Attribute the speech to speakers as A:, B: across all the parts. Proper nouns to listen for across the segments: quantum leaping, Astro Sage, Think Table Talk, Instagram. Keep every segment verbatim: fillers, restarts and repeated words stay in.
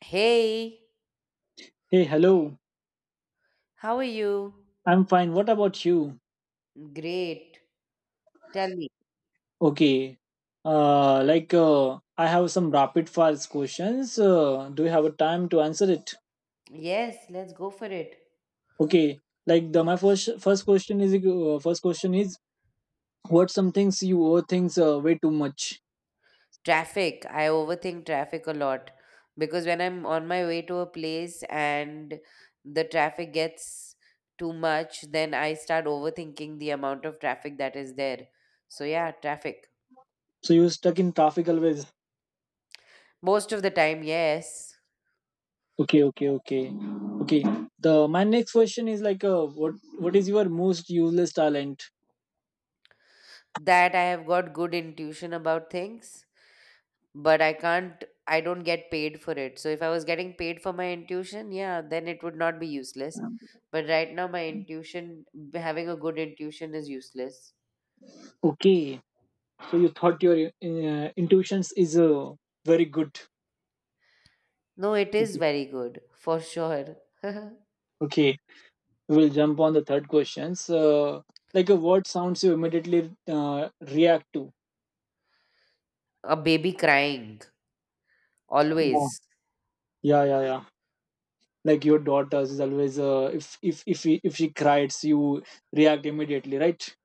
A: Hey,
B: Hey, hello.
A: how are you?
B: I'm fine. What about you?
A: Great. Tell me.
B: Okay. Uh, like uh, I have some rapid fire questions. Uh, do you have a time to answer it?
A: Yes, let's go for it.
B: Okay. Like the my first first question is uh, first question is what some things you overthink uh, way too much.
A: Traffic. I overthink traffic a lot because when I'm on my way to a place and the traffic gets too much, then I start overthinking the amount of traffic that is there. So, yeah, traffic.
B: So you stuck in traffic always.
A: Most of the time, yes.
B: Okay, okay, okay, okay. The my next question is like uh, what what is your most useless talent?
A: That I have got good intuition about things. But I can't, I don't get paid for it. So if I was getting paid for my intuition, yeah, then it would not be useless. But right now my intuition having a good intuition is useless.
B: Okay. So you thought your uh, intuitions is uh, very good.
A: No, it is very good for sure.
B: Okay. We'll jump on the third questions. Uh, like a word sounds you immediately uh, react to.
A: A baby crying always.
B: Yeah, yeah, yeah. yeah. Like your daughters is always uh, if if if he- if she cries, you react immediately, right?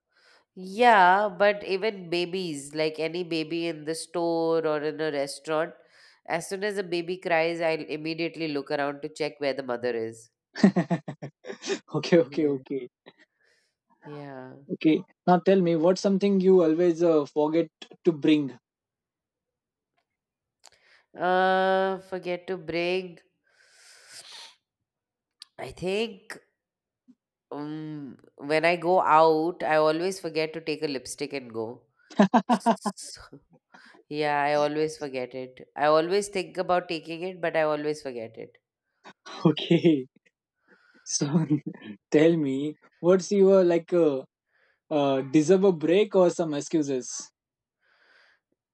A: Yeah, but even babies, like any baby in the store or in a restaurant, as soon as a baby cries, I'll immediately look around to check where the mother is.
B: okay, okay,
A: Yeah.
B: okay,
A: Yeah.
B: okay. Now tell me, what's something you always uh, forget to bring?
A: Uh, forget to bring. I think um, when I go out, I always forget to take a lipstick and go. So, yeah, I always forget it. I always think about taking it, but I always forget it.
B: okay, so tell me, what's your like uh, uh, deserve a break or some excuses?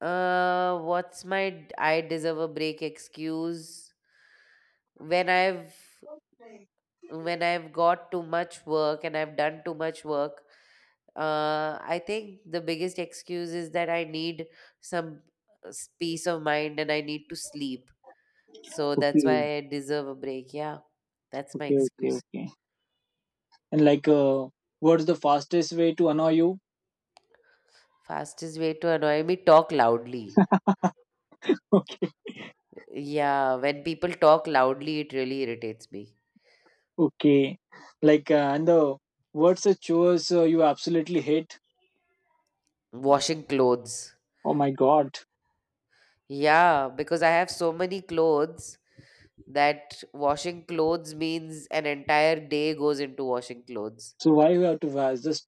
A: Uh, what's my d- I deserve a break excuse? When I've when I've got too much work and I've done too much work. Uh, I think the biggest excuse is that I need some uh, s- peace of mind and I need to sleep. So that's why
B: Okay,
A: I deserve a break. Yeah, that's my
B: okay, okay,
A: excuse.
B: okay. And like, uh, what's the fastest way to annoy you?
A: Fastest way to annoy me, talk loudly.
B: Okay,
A: Yeah, when people talk loudly, it really irritates me.
B: okay. Like, uh, and the what's the chores uh, you absolutely hate?
A: Washing clothes.
B: Oh my god!
A: Yeah, because I have so many clothes that washing clothes means an entire day goes into washing clothes.
B: So why you have to wash? Just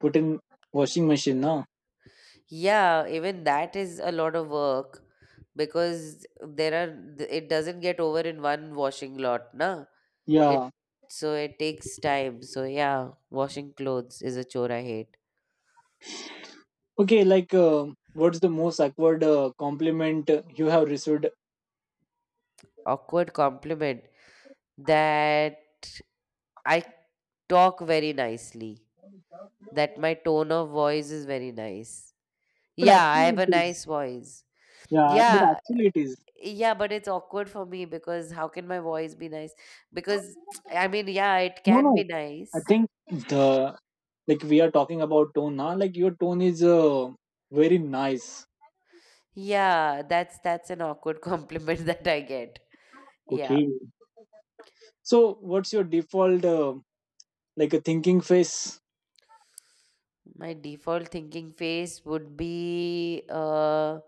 B: put in washing machine, no?
A: Yeah, even that is a lot of work because there are th- it doesn't get over in one washing lot, na. It
B: Yeah.
A: So it takes time. So yeah, washing clothes is a chore I hate.
B: Okay. Like, uh, what's the most awkward uh, compliment you have received?
A: Awkward compliment that I talk very nicely, that my tone of voice is very nice.
B: But
A: Yeah, I have
B: actually,
A: a
B: it is.
A: nice voice.
B: Yeah. But
A: Yeah,
B: actually, it is.
A: yeah, but it's awkward for me because how can my voice be nice? Because I mean, yeah, it
B: No,
A: can
B: no.
A: be
B: I
A: nice.
B: think the like we are talking about tone now. Like your tone is uh, very nice.
A: Yeah, that's that's an awkward compliment that I get. Yeah,
B: Okay. So, what's your default uh, like a thinking face?
A: my default thinking face would be uh,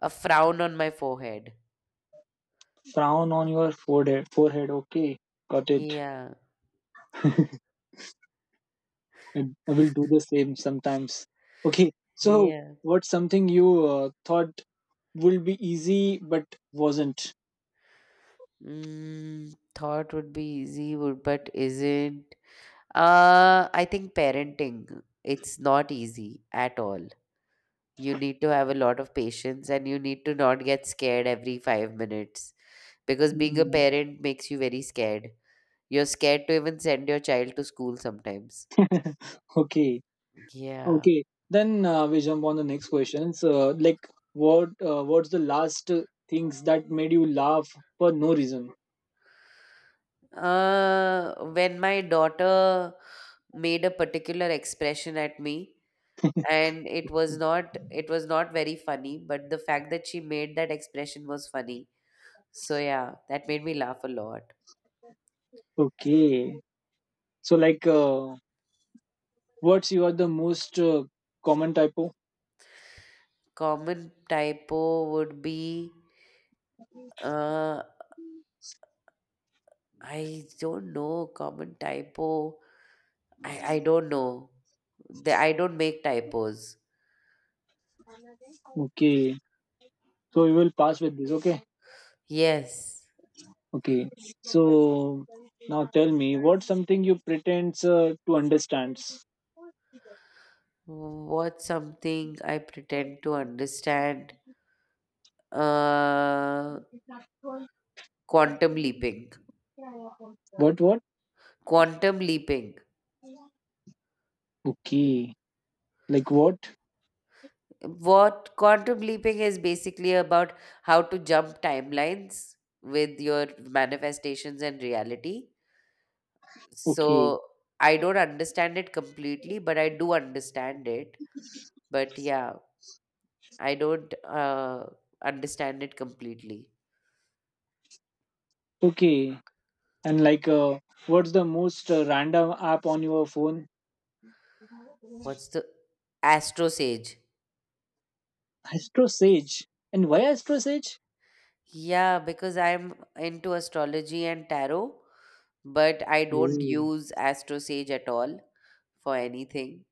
A: a frown on my forehead.
B: Frown on your forehead. Forehead. Okay, got it.
A: Yeah,
B: I, I will do the same sometimes. Okay. So,
A: yeah.
B: what's something you uh, thought would be easy but wasn't?
A: Mm, thought would be easy, would but isn't. Uh, I think parenting, it's not easy at all. You need to have a lot of patience and you need to not get scared every five minutes because being a
B: Mm.
A: parent makes you very scared. You're scared to even send your child to school sometimes.
B: Okay.
A: Yeah.
B: Okay. Then uh, we jump on the next questions. Uh, like, what? Uh, what's the last uh, things that made you laugh for no reason?
A: Uh, when my daughter made a particular expression at me, and it was not it was not very funny, but the fact that she made that expression was funny. So yeah, that made me laugh a lot.
B: Okay. So, like. Uh, What's your the most uh, common typo?
A: Common typo would be uh I don't know common typo. I I don't know. The, I don't make typos.
B: Okay, so we will pass with this. Okay,
A: Yes.
B: okay. So now tell me, what's something you pretends uh, to understands?
A: What's something I pretend to understand? Uh, Quantum leaping.
B: What? What?
A: Quantum leaping.
B: Okay. Like what?
A: What quantum leaping is basically about how to jump timelines with your manifestations and reality.
B: Okay.
A: So I don't understand it completely, but I do understand it. But yeah, I don't uh, understand it completely.
B: Okay. And like, uh, what's the most uh, random app on your phone?
A: What's the Astro Sage?
B: Astro Sage. And why Astro Sage?
A: Yeah, because I'm into astrology and tarot, but I don't
B: Oh.
A: use Astro Sage at all for anything.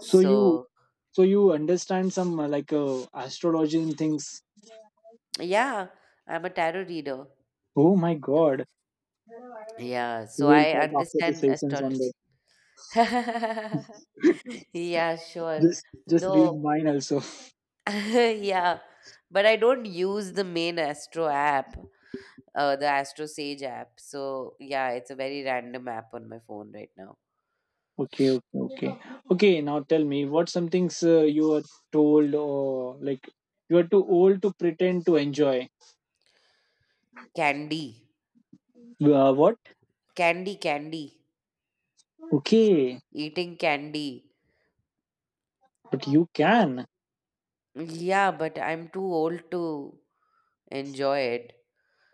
B: So you, so you understand some uh, like uh, astrology and things.
A: yeah, I'm a tarot reader.
B: Oh my god.
A: Yeah, so
B: We'll
A: I
B: talk after the
A: understand
B: sessions on
A: astrology.
B: that.
A: Yeah, sure.
B: Just just read
A: No,
B: mine also.
A: yeah, but I don't use the main Astro app, uh, the Astro Sage app. So, yeah, it's a very random app on my phone right now.
B: Okay, okay, okay. Okay, now tell me what some things uh, you are told or like you are too old to pretend to enjoy.
A: Candy,
B: Uh, what?
A: candy, candy.
B: Okay,
A: Eating candy.
B: but you can.
A: Yeah, but I'm too old to enjoy it.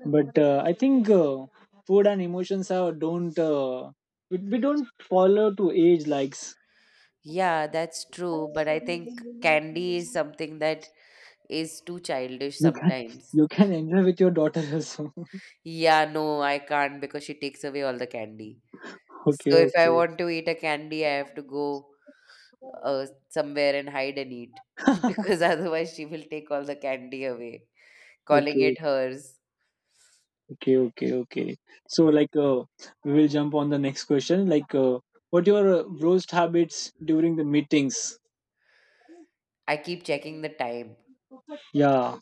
B: But uh, I think uh, food and emotions are don't uh, we, we don't follow to age likes.
A: Yeah, that's true. But I think candy is something that is too childish
B: You can
A: sometimes.
B: you can enjoy with your daughter also.
A: Yeah, no, I can't because she takes away all the candy.
B: Okay,
A: So if I
B: okay.
A: want to eat a candy, I have to go uh, somewhere and hide and eat because otherwise she will take all the candy away, calling
B: Okay.
A: it hers.
B: Okay, okay, okay. So, like, uh, we will jump on the next question. Like, uh, what your uh, roast habits during the meetings?
A: I keep checking the time.
B: Yeah,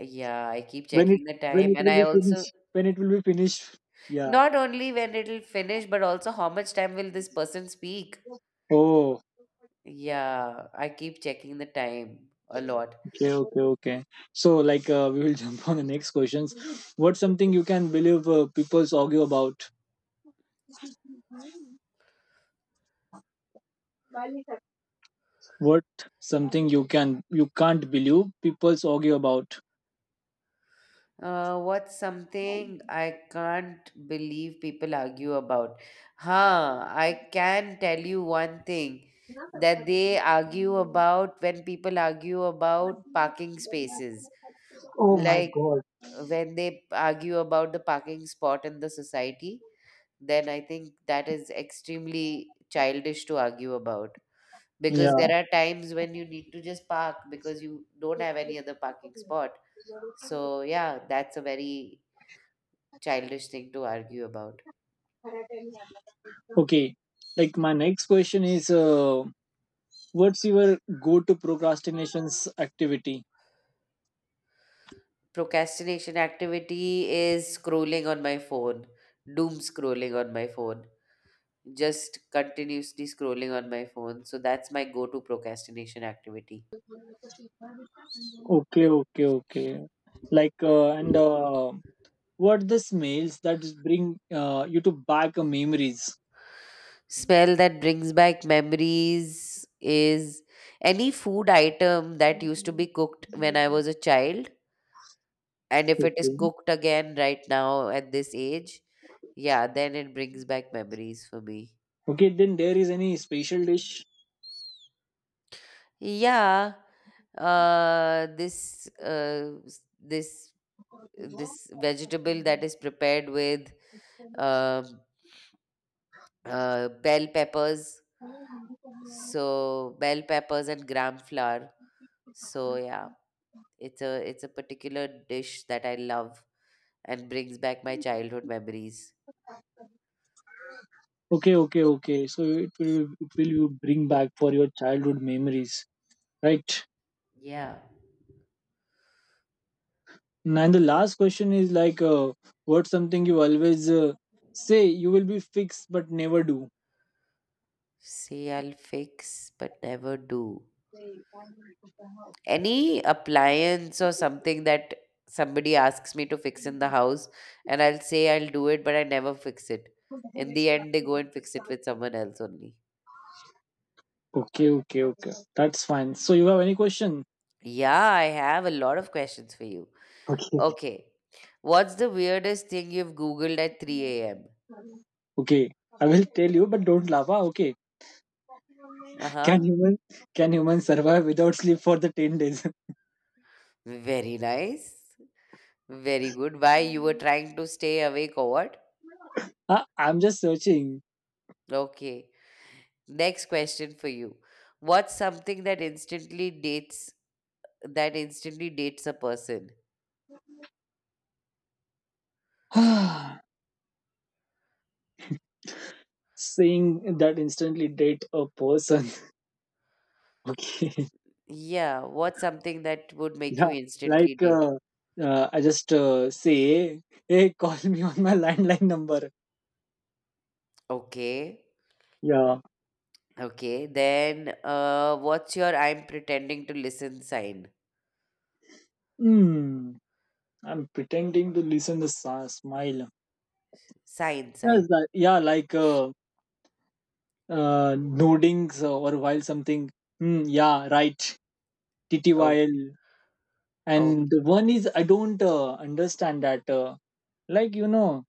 A: Yeah, I keep
B: when it
A: checking the
B: when it
A: time, and
B: will
A: I
B: be
A: also
B: finished. When it will be finished. Yeah.
A: not only when it'll finish, but also how much time will this person speak?
B: Oh,
A: Yeah, I keep checking the time a lot.
B: okay, okay, okay. So, like, uh, we will jump on the next questions. What's something you can believe uh, people's argue about? What something you can you can't believe people's argue about?
A: Uh, what's something I can't believe people argue about? Huh, I can tell you one thing that they argue about when people argue about parking spaces.
B: Oh my
A: Like
B: god.
A: when they argue about the parking spot in the society, then I think that is extremely childish to argue about, because there
B: Yeah.
A: are times when you need to just park because you don't have any other parking spot. So, yeah, that's a very childish thing to argue about.
B: Okay. Like my next question is, uh, what's your go-to procrastination's activity?
A: Procrastination activity is scrolling on my phone, doom scrolling on my phone, just continuously scrolling on my phone. So, that's my go to procrastination activity.
B: Okay, okay, okay. Like, uh, and uh, What the smells that bring uh, you to back uh, memories?
A: Smell that brings back memories is any food item that used to be cooked when I was a child, and if it is
B: Okay.
A: cooked again right now at this age, yeah, then it brings back memories for me.
B: Okay, then there is any special dish?
A: Yeah, uh, this uh, s- this this vegetable that is prepared with um uh, bell peppers. So bell peppers and gram flour. So yeah, it's a it's a particular dish that I love and brings back my childhood memories.
B: Okay, okay, okay. So it will it will you bring back for your childhood memories, right?
A: Yeah.
B: And the last question is like, uh, what's something you always uh, say you will be fixed but never do?
A: Say I'll fix, but never do. Any appliance or something that somebody asks me to fix in the house, and I'll say I'll do it, but I never fix it. In the end, they go and fix it with someone else only.
B: Okay, okay, okay. That's fine. So you have any question?
A: Yeah, I have a lot of questions for you.
B: Okay.
A: Okay. What's the weirdest thing you've Googled at three a m?
B: Okay. I will tell you, but don't laugh. Ah, okay.
A: Uh
B: Can
A: huh.
B: human can humans survive without sleep for the ten days?
A: Very nice. Very good. Why? You were trying to stay awake or what?
B: Ah, I'm just searching.
A: Okay. Next question for you. What's something that instantly dates that instantly dates a person?
B: Saying that instantly date a person. Okay.
A: Yeah, what's something that would make you
B: Yeah. Like
A: instantly date?
B: uh, uh, I just uh, say, hey, call me on my landline number.
A: Okay.
B: Yeah.
A: Okay. Then uh what's your I'm pretending to listen sign?
B: Hmm. I'm pretending to listen the sa- Smile.
A: Sign,
B: Yes,
A: sign.
B: like, yeah, like uh, uh, noddings or while something, "Hmm, yeah right,
A: Oh,
B: ttyl."
A: oh,
B: And the one is I don't uh, understand that, uh, like you know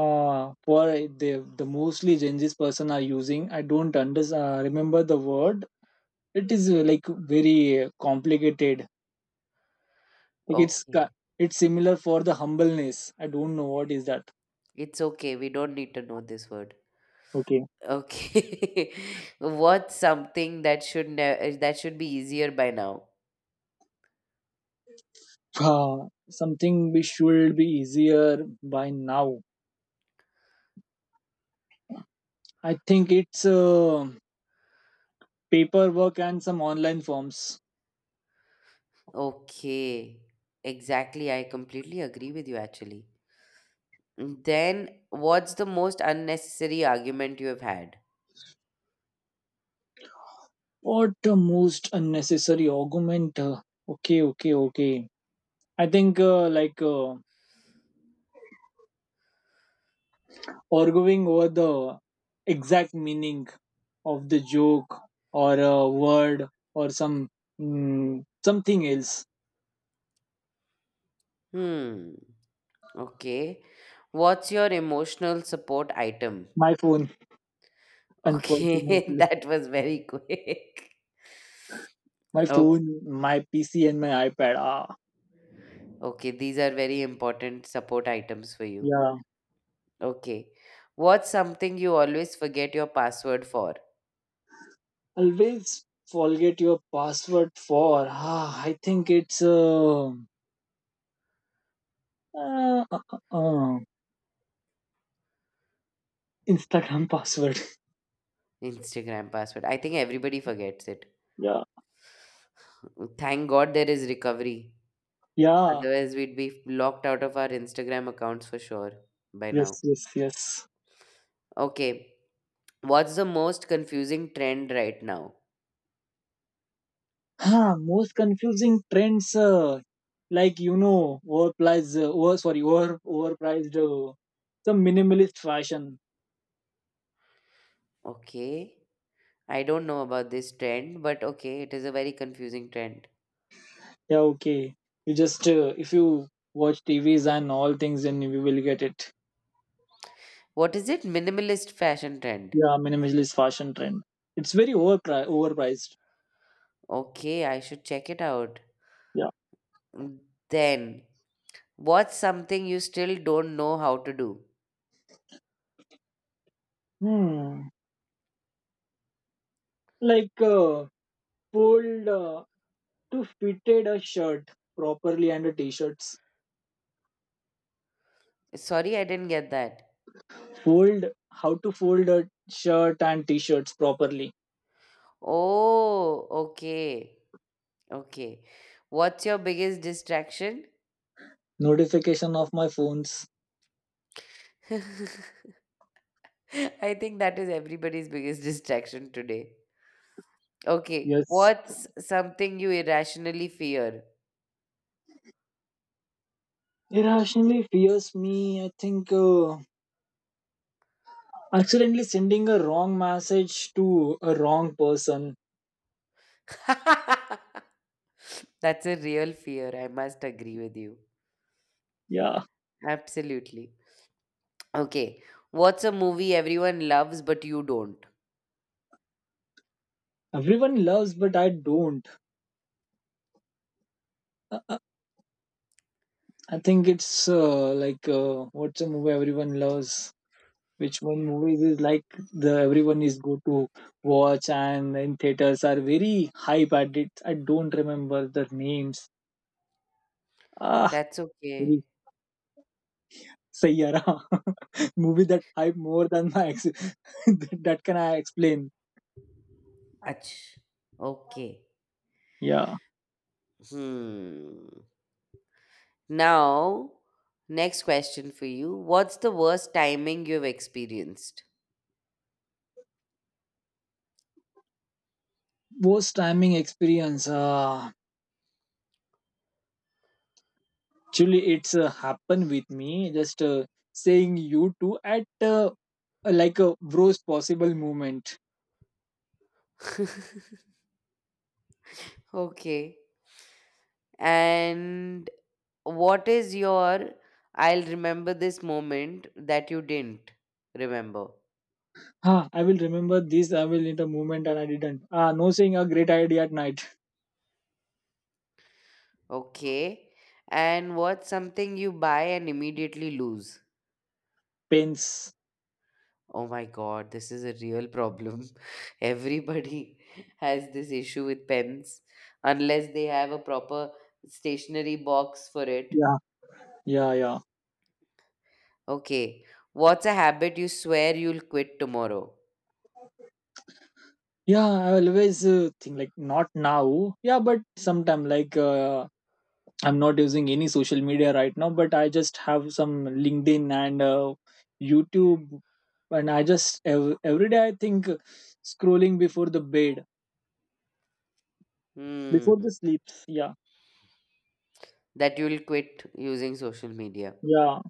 B: uh, for the the mostly gen z's person are using. I don't under, uh, remember the word. It is uh, like very uh, complicated. like it's
A: okay.
B: ca- it's similar for the humbleness. I don't know what is that.
A: It's okay. We don't need to know this word.
B: Okay.
A: Okay. What's something that should ne- that should be easier by now?
B: uh, Something we should be easier by now. I think it's uh, paperwork and some online forms.
A: Okay, exactly. I completely agree with you actually. Then, what's the most unnecessary argument you have had?
B: What a most unnecessary argument. uh, Okay, okay, okay. I think uh, like uh, arguing over the exact meaning of the joke or a word or some mm, something else.
A: Hmm, okay. What's your emotional support item?
B: My phone,
A: Okay,
B: unfortunately,
A: that was very quick.
B: my
A: Oh,
B: phone, my P C, and my iPad. Ah,
A: okay. These are very important support items for you.
B: yeah.
A: Okay. What's something you always forget your password for?
B: Always forget your password for. Ah, I think it's. Uh, uh, uh, uh, uh. Instagram password.
A: Instagram password. I think everybody forgets it.
B: Yeah.
A: Thank God there is recovery.
B: Yeah.
A: Otherwise, we'd be locked out of our Instagram accounts for sure by
B: Yes,
A: now.
B: yes, yes.
A: Okay, what's the most confusing trend right now?
B: Huh, most confusing trends uh, like you know overpriced, uh, over sorry over overpriced uh, some minimalist fashion.
A: Okay, I don't know about this trend, but okay, it is a very confusing trend.
B: Yeah, okay. You just uh, if you watch T V's and all things, then you will get it.
A: What is it? Minimalist fashion trend.
B: Yeah, minimalist fashion trend. It's very overpri- overpriced.
A: Okay, I should check it out.
B: Yeah.
A: Mm, Then, what's something you still don't know how to do?
B: Hmm. Like uh, fold uh, to fitted a shirt properly and a t-shirt
A: Sorry, I didn't get that.
B: fold How to fold a shirt and t-shirts properly.
A: Oh, okay, okay. What's your biggest distraction?
B: Notification of my phones.
A: I think that is everybody's biggest distraction today. Okay,
B: Yes,
A: what's something you irrationally fear?
B: irrationally fears me. I think uh, accidentally sending a wrong message to a wrong person.
A: That's a real fear, I must agree with you.
B: Yeah,
A: Absolutely. Okay, what's a movie everyone loves but you don't?
B: everyone loves but I don't. Uh, uh, I think it's uh, like uh, what's a movie everyone loves, which one movies is like the everyone is go to watch and in theaters are very hype at it. I don't remember the names. Ah,
A: That's okay.
B: Sayyara movie that hype more than my ex- that can I explain.
A: Ach. Okay.
B: Yeah,
A: Hmm. Now, next question for you. What's the worst timing you've experienced?
B: post timing experience. Uh, actually, it's uh, happened with me. Just uh, saying you two at uh, like a worst possible moment.
A: Okay. And what is your I'll remember this moment that you didn't remember?
B: Ah, I will remember this. I will need a moment, and I didn't. Ah, no saying a great idea at night.
A: Okay. And what's something you buy and immediately lose?
B: Pains.
A: Oh my god, this is a real problem. Everybody has this issue with pens unless they have a proper stationery box for it.
B: Yeah, yeah, yeah.
A: Okay. What's a habit you swear you'll quit tomorrow?
B: Yeah, I always uh, think like not now. Yeah, but sometime like uh, I'm not using any social media right now, but I just have some LinkedIn and uh, YouTube, and I just ev- every day I think uh, scrolling before the bed,
A: Hmm.
B: before the sleeps. Yeah,
A: That you'll quit using social media.
B: yeah.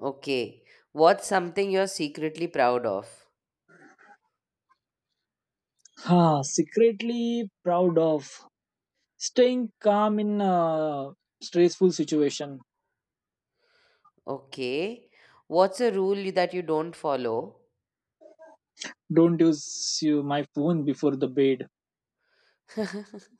A: Okay. What's something you're secretly proud of?
B: Ah, secretly proud of staying calm in a stressful situation.
A: Okay. What's a rule that you don't follow?
B: Don't use you, my phone before the bed.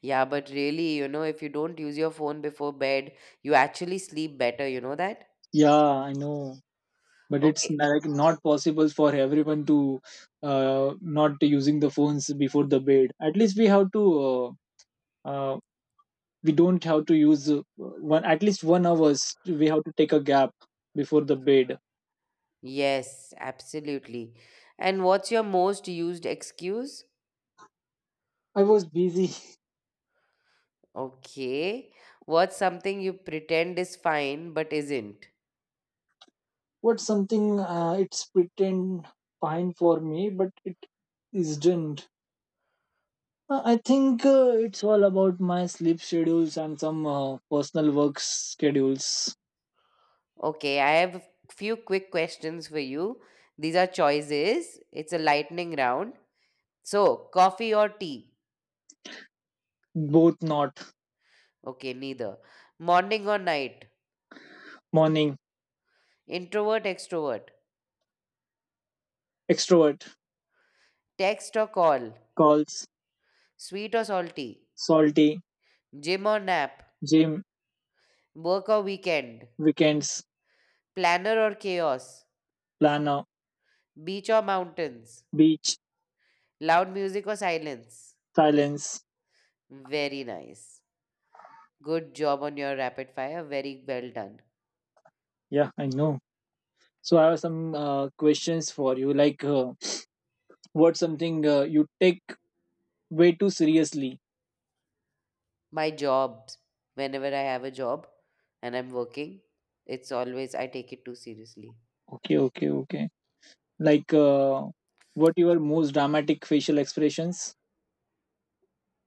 A: Yeah, but really, you know, if you don't use your phone before bed, you actually sleep better, you know that?
B: Yeah, I know. But it's
A: Okay.
B: like not possible for everyone to uh, not using the phones before the bed. At least we have to uh, uh, we don't have to use uh, one at least one hours. We have to take a gap before the bed.
A: Yes, absolutely. And what's your most used excuse?
B: I was busy.
A: Okay. What's something you pretend is fine but isn't?
B: What's something uh, it's pretend fine for me but it isn't? Uh, I think uh, it's all about my sleep schedules and some uh, personal work schedules.
A: Okay, I have a few quick questions for you. These are choices. It's a lightning round. So, coffee or tea?
B: Both not.
A: Okay, neither. Morning or night?
B: Morning.
A: Introvert, extrovert?
B: Extrovert.
A: Text or call?
B: Calls.
A: Sweet or salty?
B: Salty,
A: Gym or nap?
B: gym,
A: Work or weekend?
B: weekends,
A: Planner or chaos?
B: planner,
A: Beach or mountains?
B: beach,
A: Loud music or silence?
B: silence.
A: Very nice. Good job on your rapid fire. Very well done.
B: Yeah, I know. So I have some uh, questions for you. Like, uh, what's something uh, you take way too seriously?
A: My jobs, whenever I have a job and I'm working, it's always, I take it too seriously.
B: Okay, okay, okay. Like, uh, what your most dramatic facial expressions?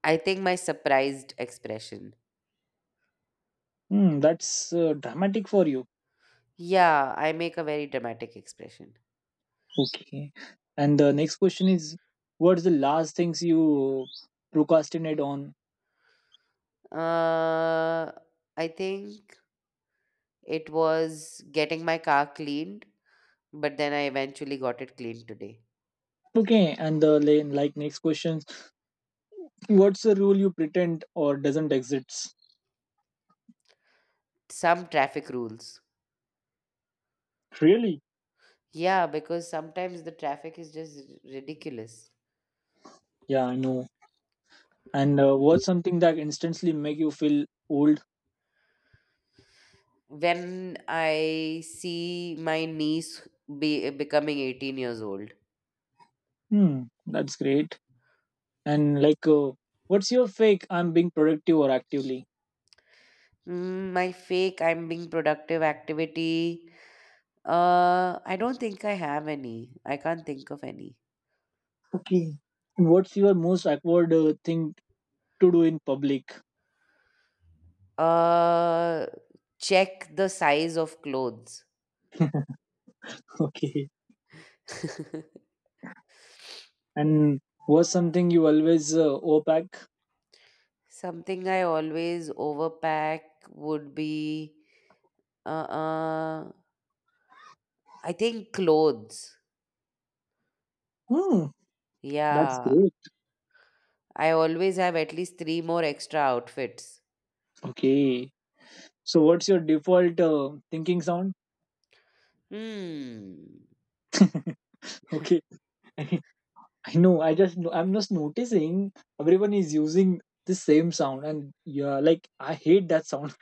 A: I think my surprised expression.
B: Hmm, that's uh, dramatic for you.
A: Yeah, I make a very dramatic expression.
B: Okay. And the next question is, what's the last things you procrastinate on?
A: Uh, I think it was getting my car cleaned, but then I eventually got it cleaned today.
B: Okay. And the la- like next question, what's a rule you pretend or doesn't exist?
A: Some traffic rules.
B: Really?
A: Yeah, because sometimes the traffic is just ridiculous.
B: Yeah, I know. And uh, what's something that instantly make you feel old?
A: When I see my niece be becoming eighteen years old.
B: Hmm, that's great. And like, uh, what's your fake? I'm being productive or actively.
A: Mm, my fake I'm being productive activity. Uh, I don't think I have any. I can't think of any.
B: Okay. And what's your most awkward uh, thing to do in public?
A: Uh, Check the size of clothes.
B: Okay. And what's something you always uh, opaque?
A: Something I always overpack would be uh, uh I think clothes.
B: Hmm. That's
A: Yeah,
B: great.
A: I always have at least three more extra outfits.
B: Okay. So what's your default uh, thinking sound?
A: Hmm.
B: Okay. I know. I just no- I'm just noticing everyone is using the same sound, and yeah, like I hate that sound.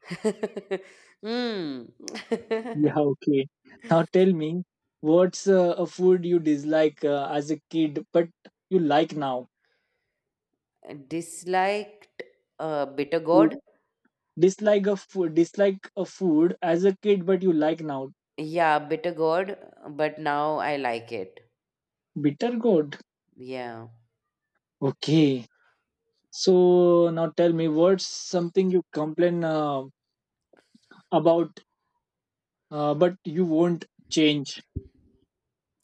A: Hmm.
B: Yeah, okay. Now tell me, what's uh, a food you dislike uh, as a kid, but you like now?
A: Disliked uh, bitter
B: You
A: gourd.
B: dislike a food, Dislike a food as a kid, but you like now.
A: Yeah, bitter gourd, but now I like it.
B: Bitter gourd.
A: Yeah.
B: Okay. So now tell me, what's something you complain uh, about, uh, but you won't change?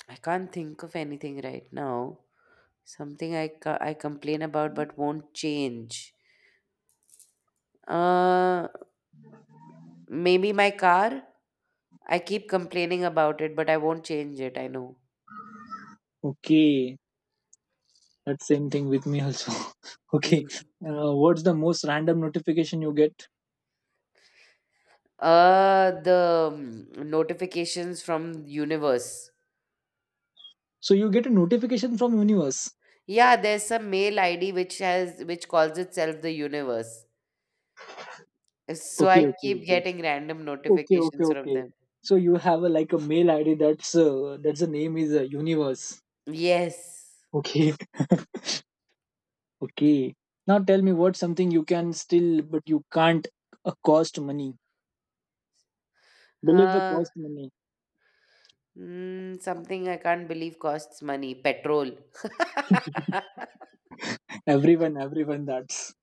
A: I can't think of anything right now. Something I, ca- I complain about but won't change. Uh, Maybe my car. I keep complaining about it, but I won't change it. I know.
B: Okay. That same thing with me also. Okay,
A: Mm.
B: uh, what's the most random notification you get?
A: Uh, the mm, notifications from universe.
B: So you get a notification from universe.
A: Yeah, there's some mail I D which has which calls itself the universe. So
B: Okay,
A: I
B: okay,
A: keep
B: okay,
A: getting random
B: okay, okay,
A: notifications from
B: okay.
A: them.
B: So you have a, like a mail I D that's uh, that's the name is uh, universe.
A: Yes.
B: Okay, okay. Now tell me what's something you can still but you can't uh, cost money. Believe a
A: Uh,
B: cost money.
A: Mm, something I can't believe costs money, petrol.
B: Everyone, everyone. That's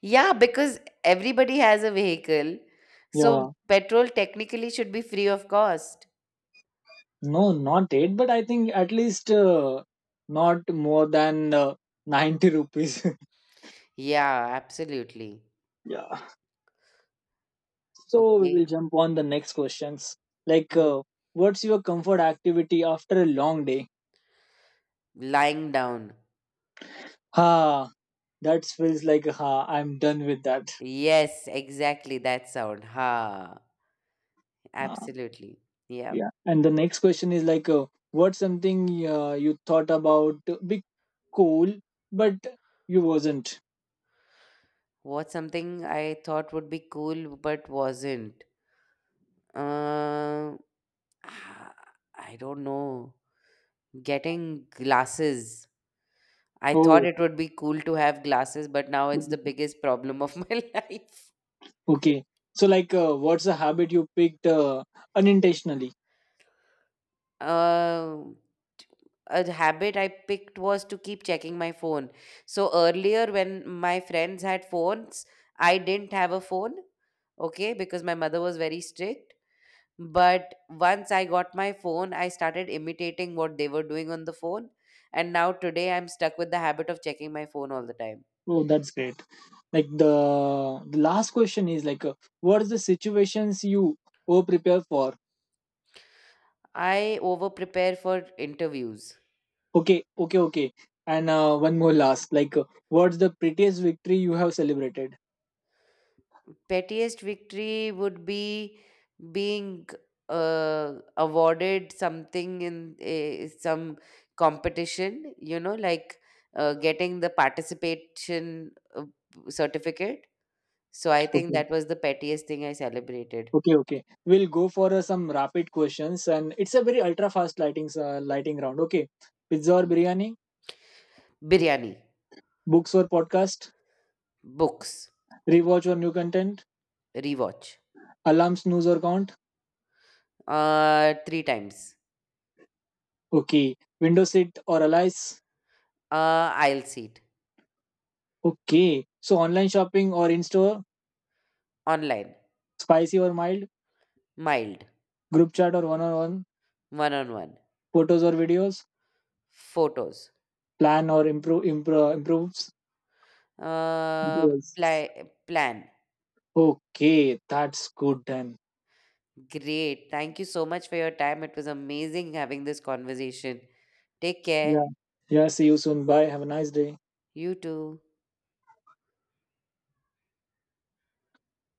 A: Yeah, because everybody has a vehicle. So
B: yeah.
A: petrol technically should be free of cost.
B: No, not eight, but I think at least uh, not more than uh, ninety rupees.
A: Yeah, absolutely.
B: Yeah. So we will
A: Okay.
B: jump on the next questions. Like,
A: Mm.
B: uh, what's your comfort activity after a long day?
A: Lying down.
B: Ha, that feels like, ha, I'm done with that.
A: Yes, exactly that sound. Ha.
B: Uh,
A: Absolutely. Yeah.
B: yeah. And the next question is like, uh, what's something uh, you thought about uh, be cool, but you wasn't?
A: What's something I thought would be cool but wasn't? Uh, ah, I don't know. Getting glasses. I thought
B: Oh,
A: it would be cool to have glasses, but now it's the biggest problem of my life.
B: okay. So, like, uh, what's a habit you picked uh, unintentionally?
A: Uh, a habit I picked was to keep checking my phone. So earlier, when my friends had phones, I didn't have a phone, okay, because my mother was very strict. But once I got my phone, I started imitating what they were doing on the phone. And now today, I'm stuck with the habit of checking my phone all the time.
B: Oh, that's great. Like the, the last question is like, uh, what is the situations you over prepare for?
A: I over prepare for interviews.
B: Okay, okay, okay. And uh, one more last, like, uh, what's the prettiest victory you have celebrated?
A: Pettiest victory would be being uh, awarded something in a, some competition, you know like uh, getting the participation uh, certificate. So I think
B: Okay,
A: that was the pettiest thing I celebrated.
B: okay, okay. We'll go for uh, some rapid questions, and it's a very ultra fast lighting uh, lighting round. Okay, pizza or biryani,
A: Biryani.
B: books or podcast,
A: Books.
B: rewatch or new content,
A: Rewatch.
B: alarm snooze or count.
A: Uh three times.
B: Okay, window seat or allies.
A: Uh aisle seat.
B: Okay, so online shopping or in store,
A: Online.
B: spicy or mild,
A: Mild.
B: group chat or one on one,
A: One on one.
B: photos or videos,
A: Photos.
B: plan or improve improve improves.
A: uh
B: Yes.
A: pla- Plan.
B: Okay, that's good then.
A: Great. Thank you so much for your time. It was amazing having this conversation. Take care.
B: Yeah. Yeah, see you soon. Bye. Have a nice day.
A: You too.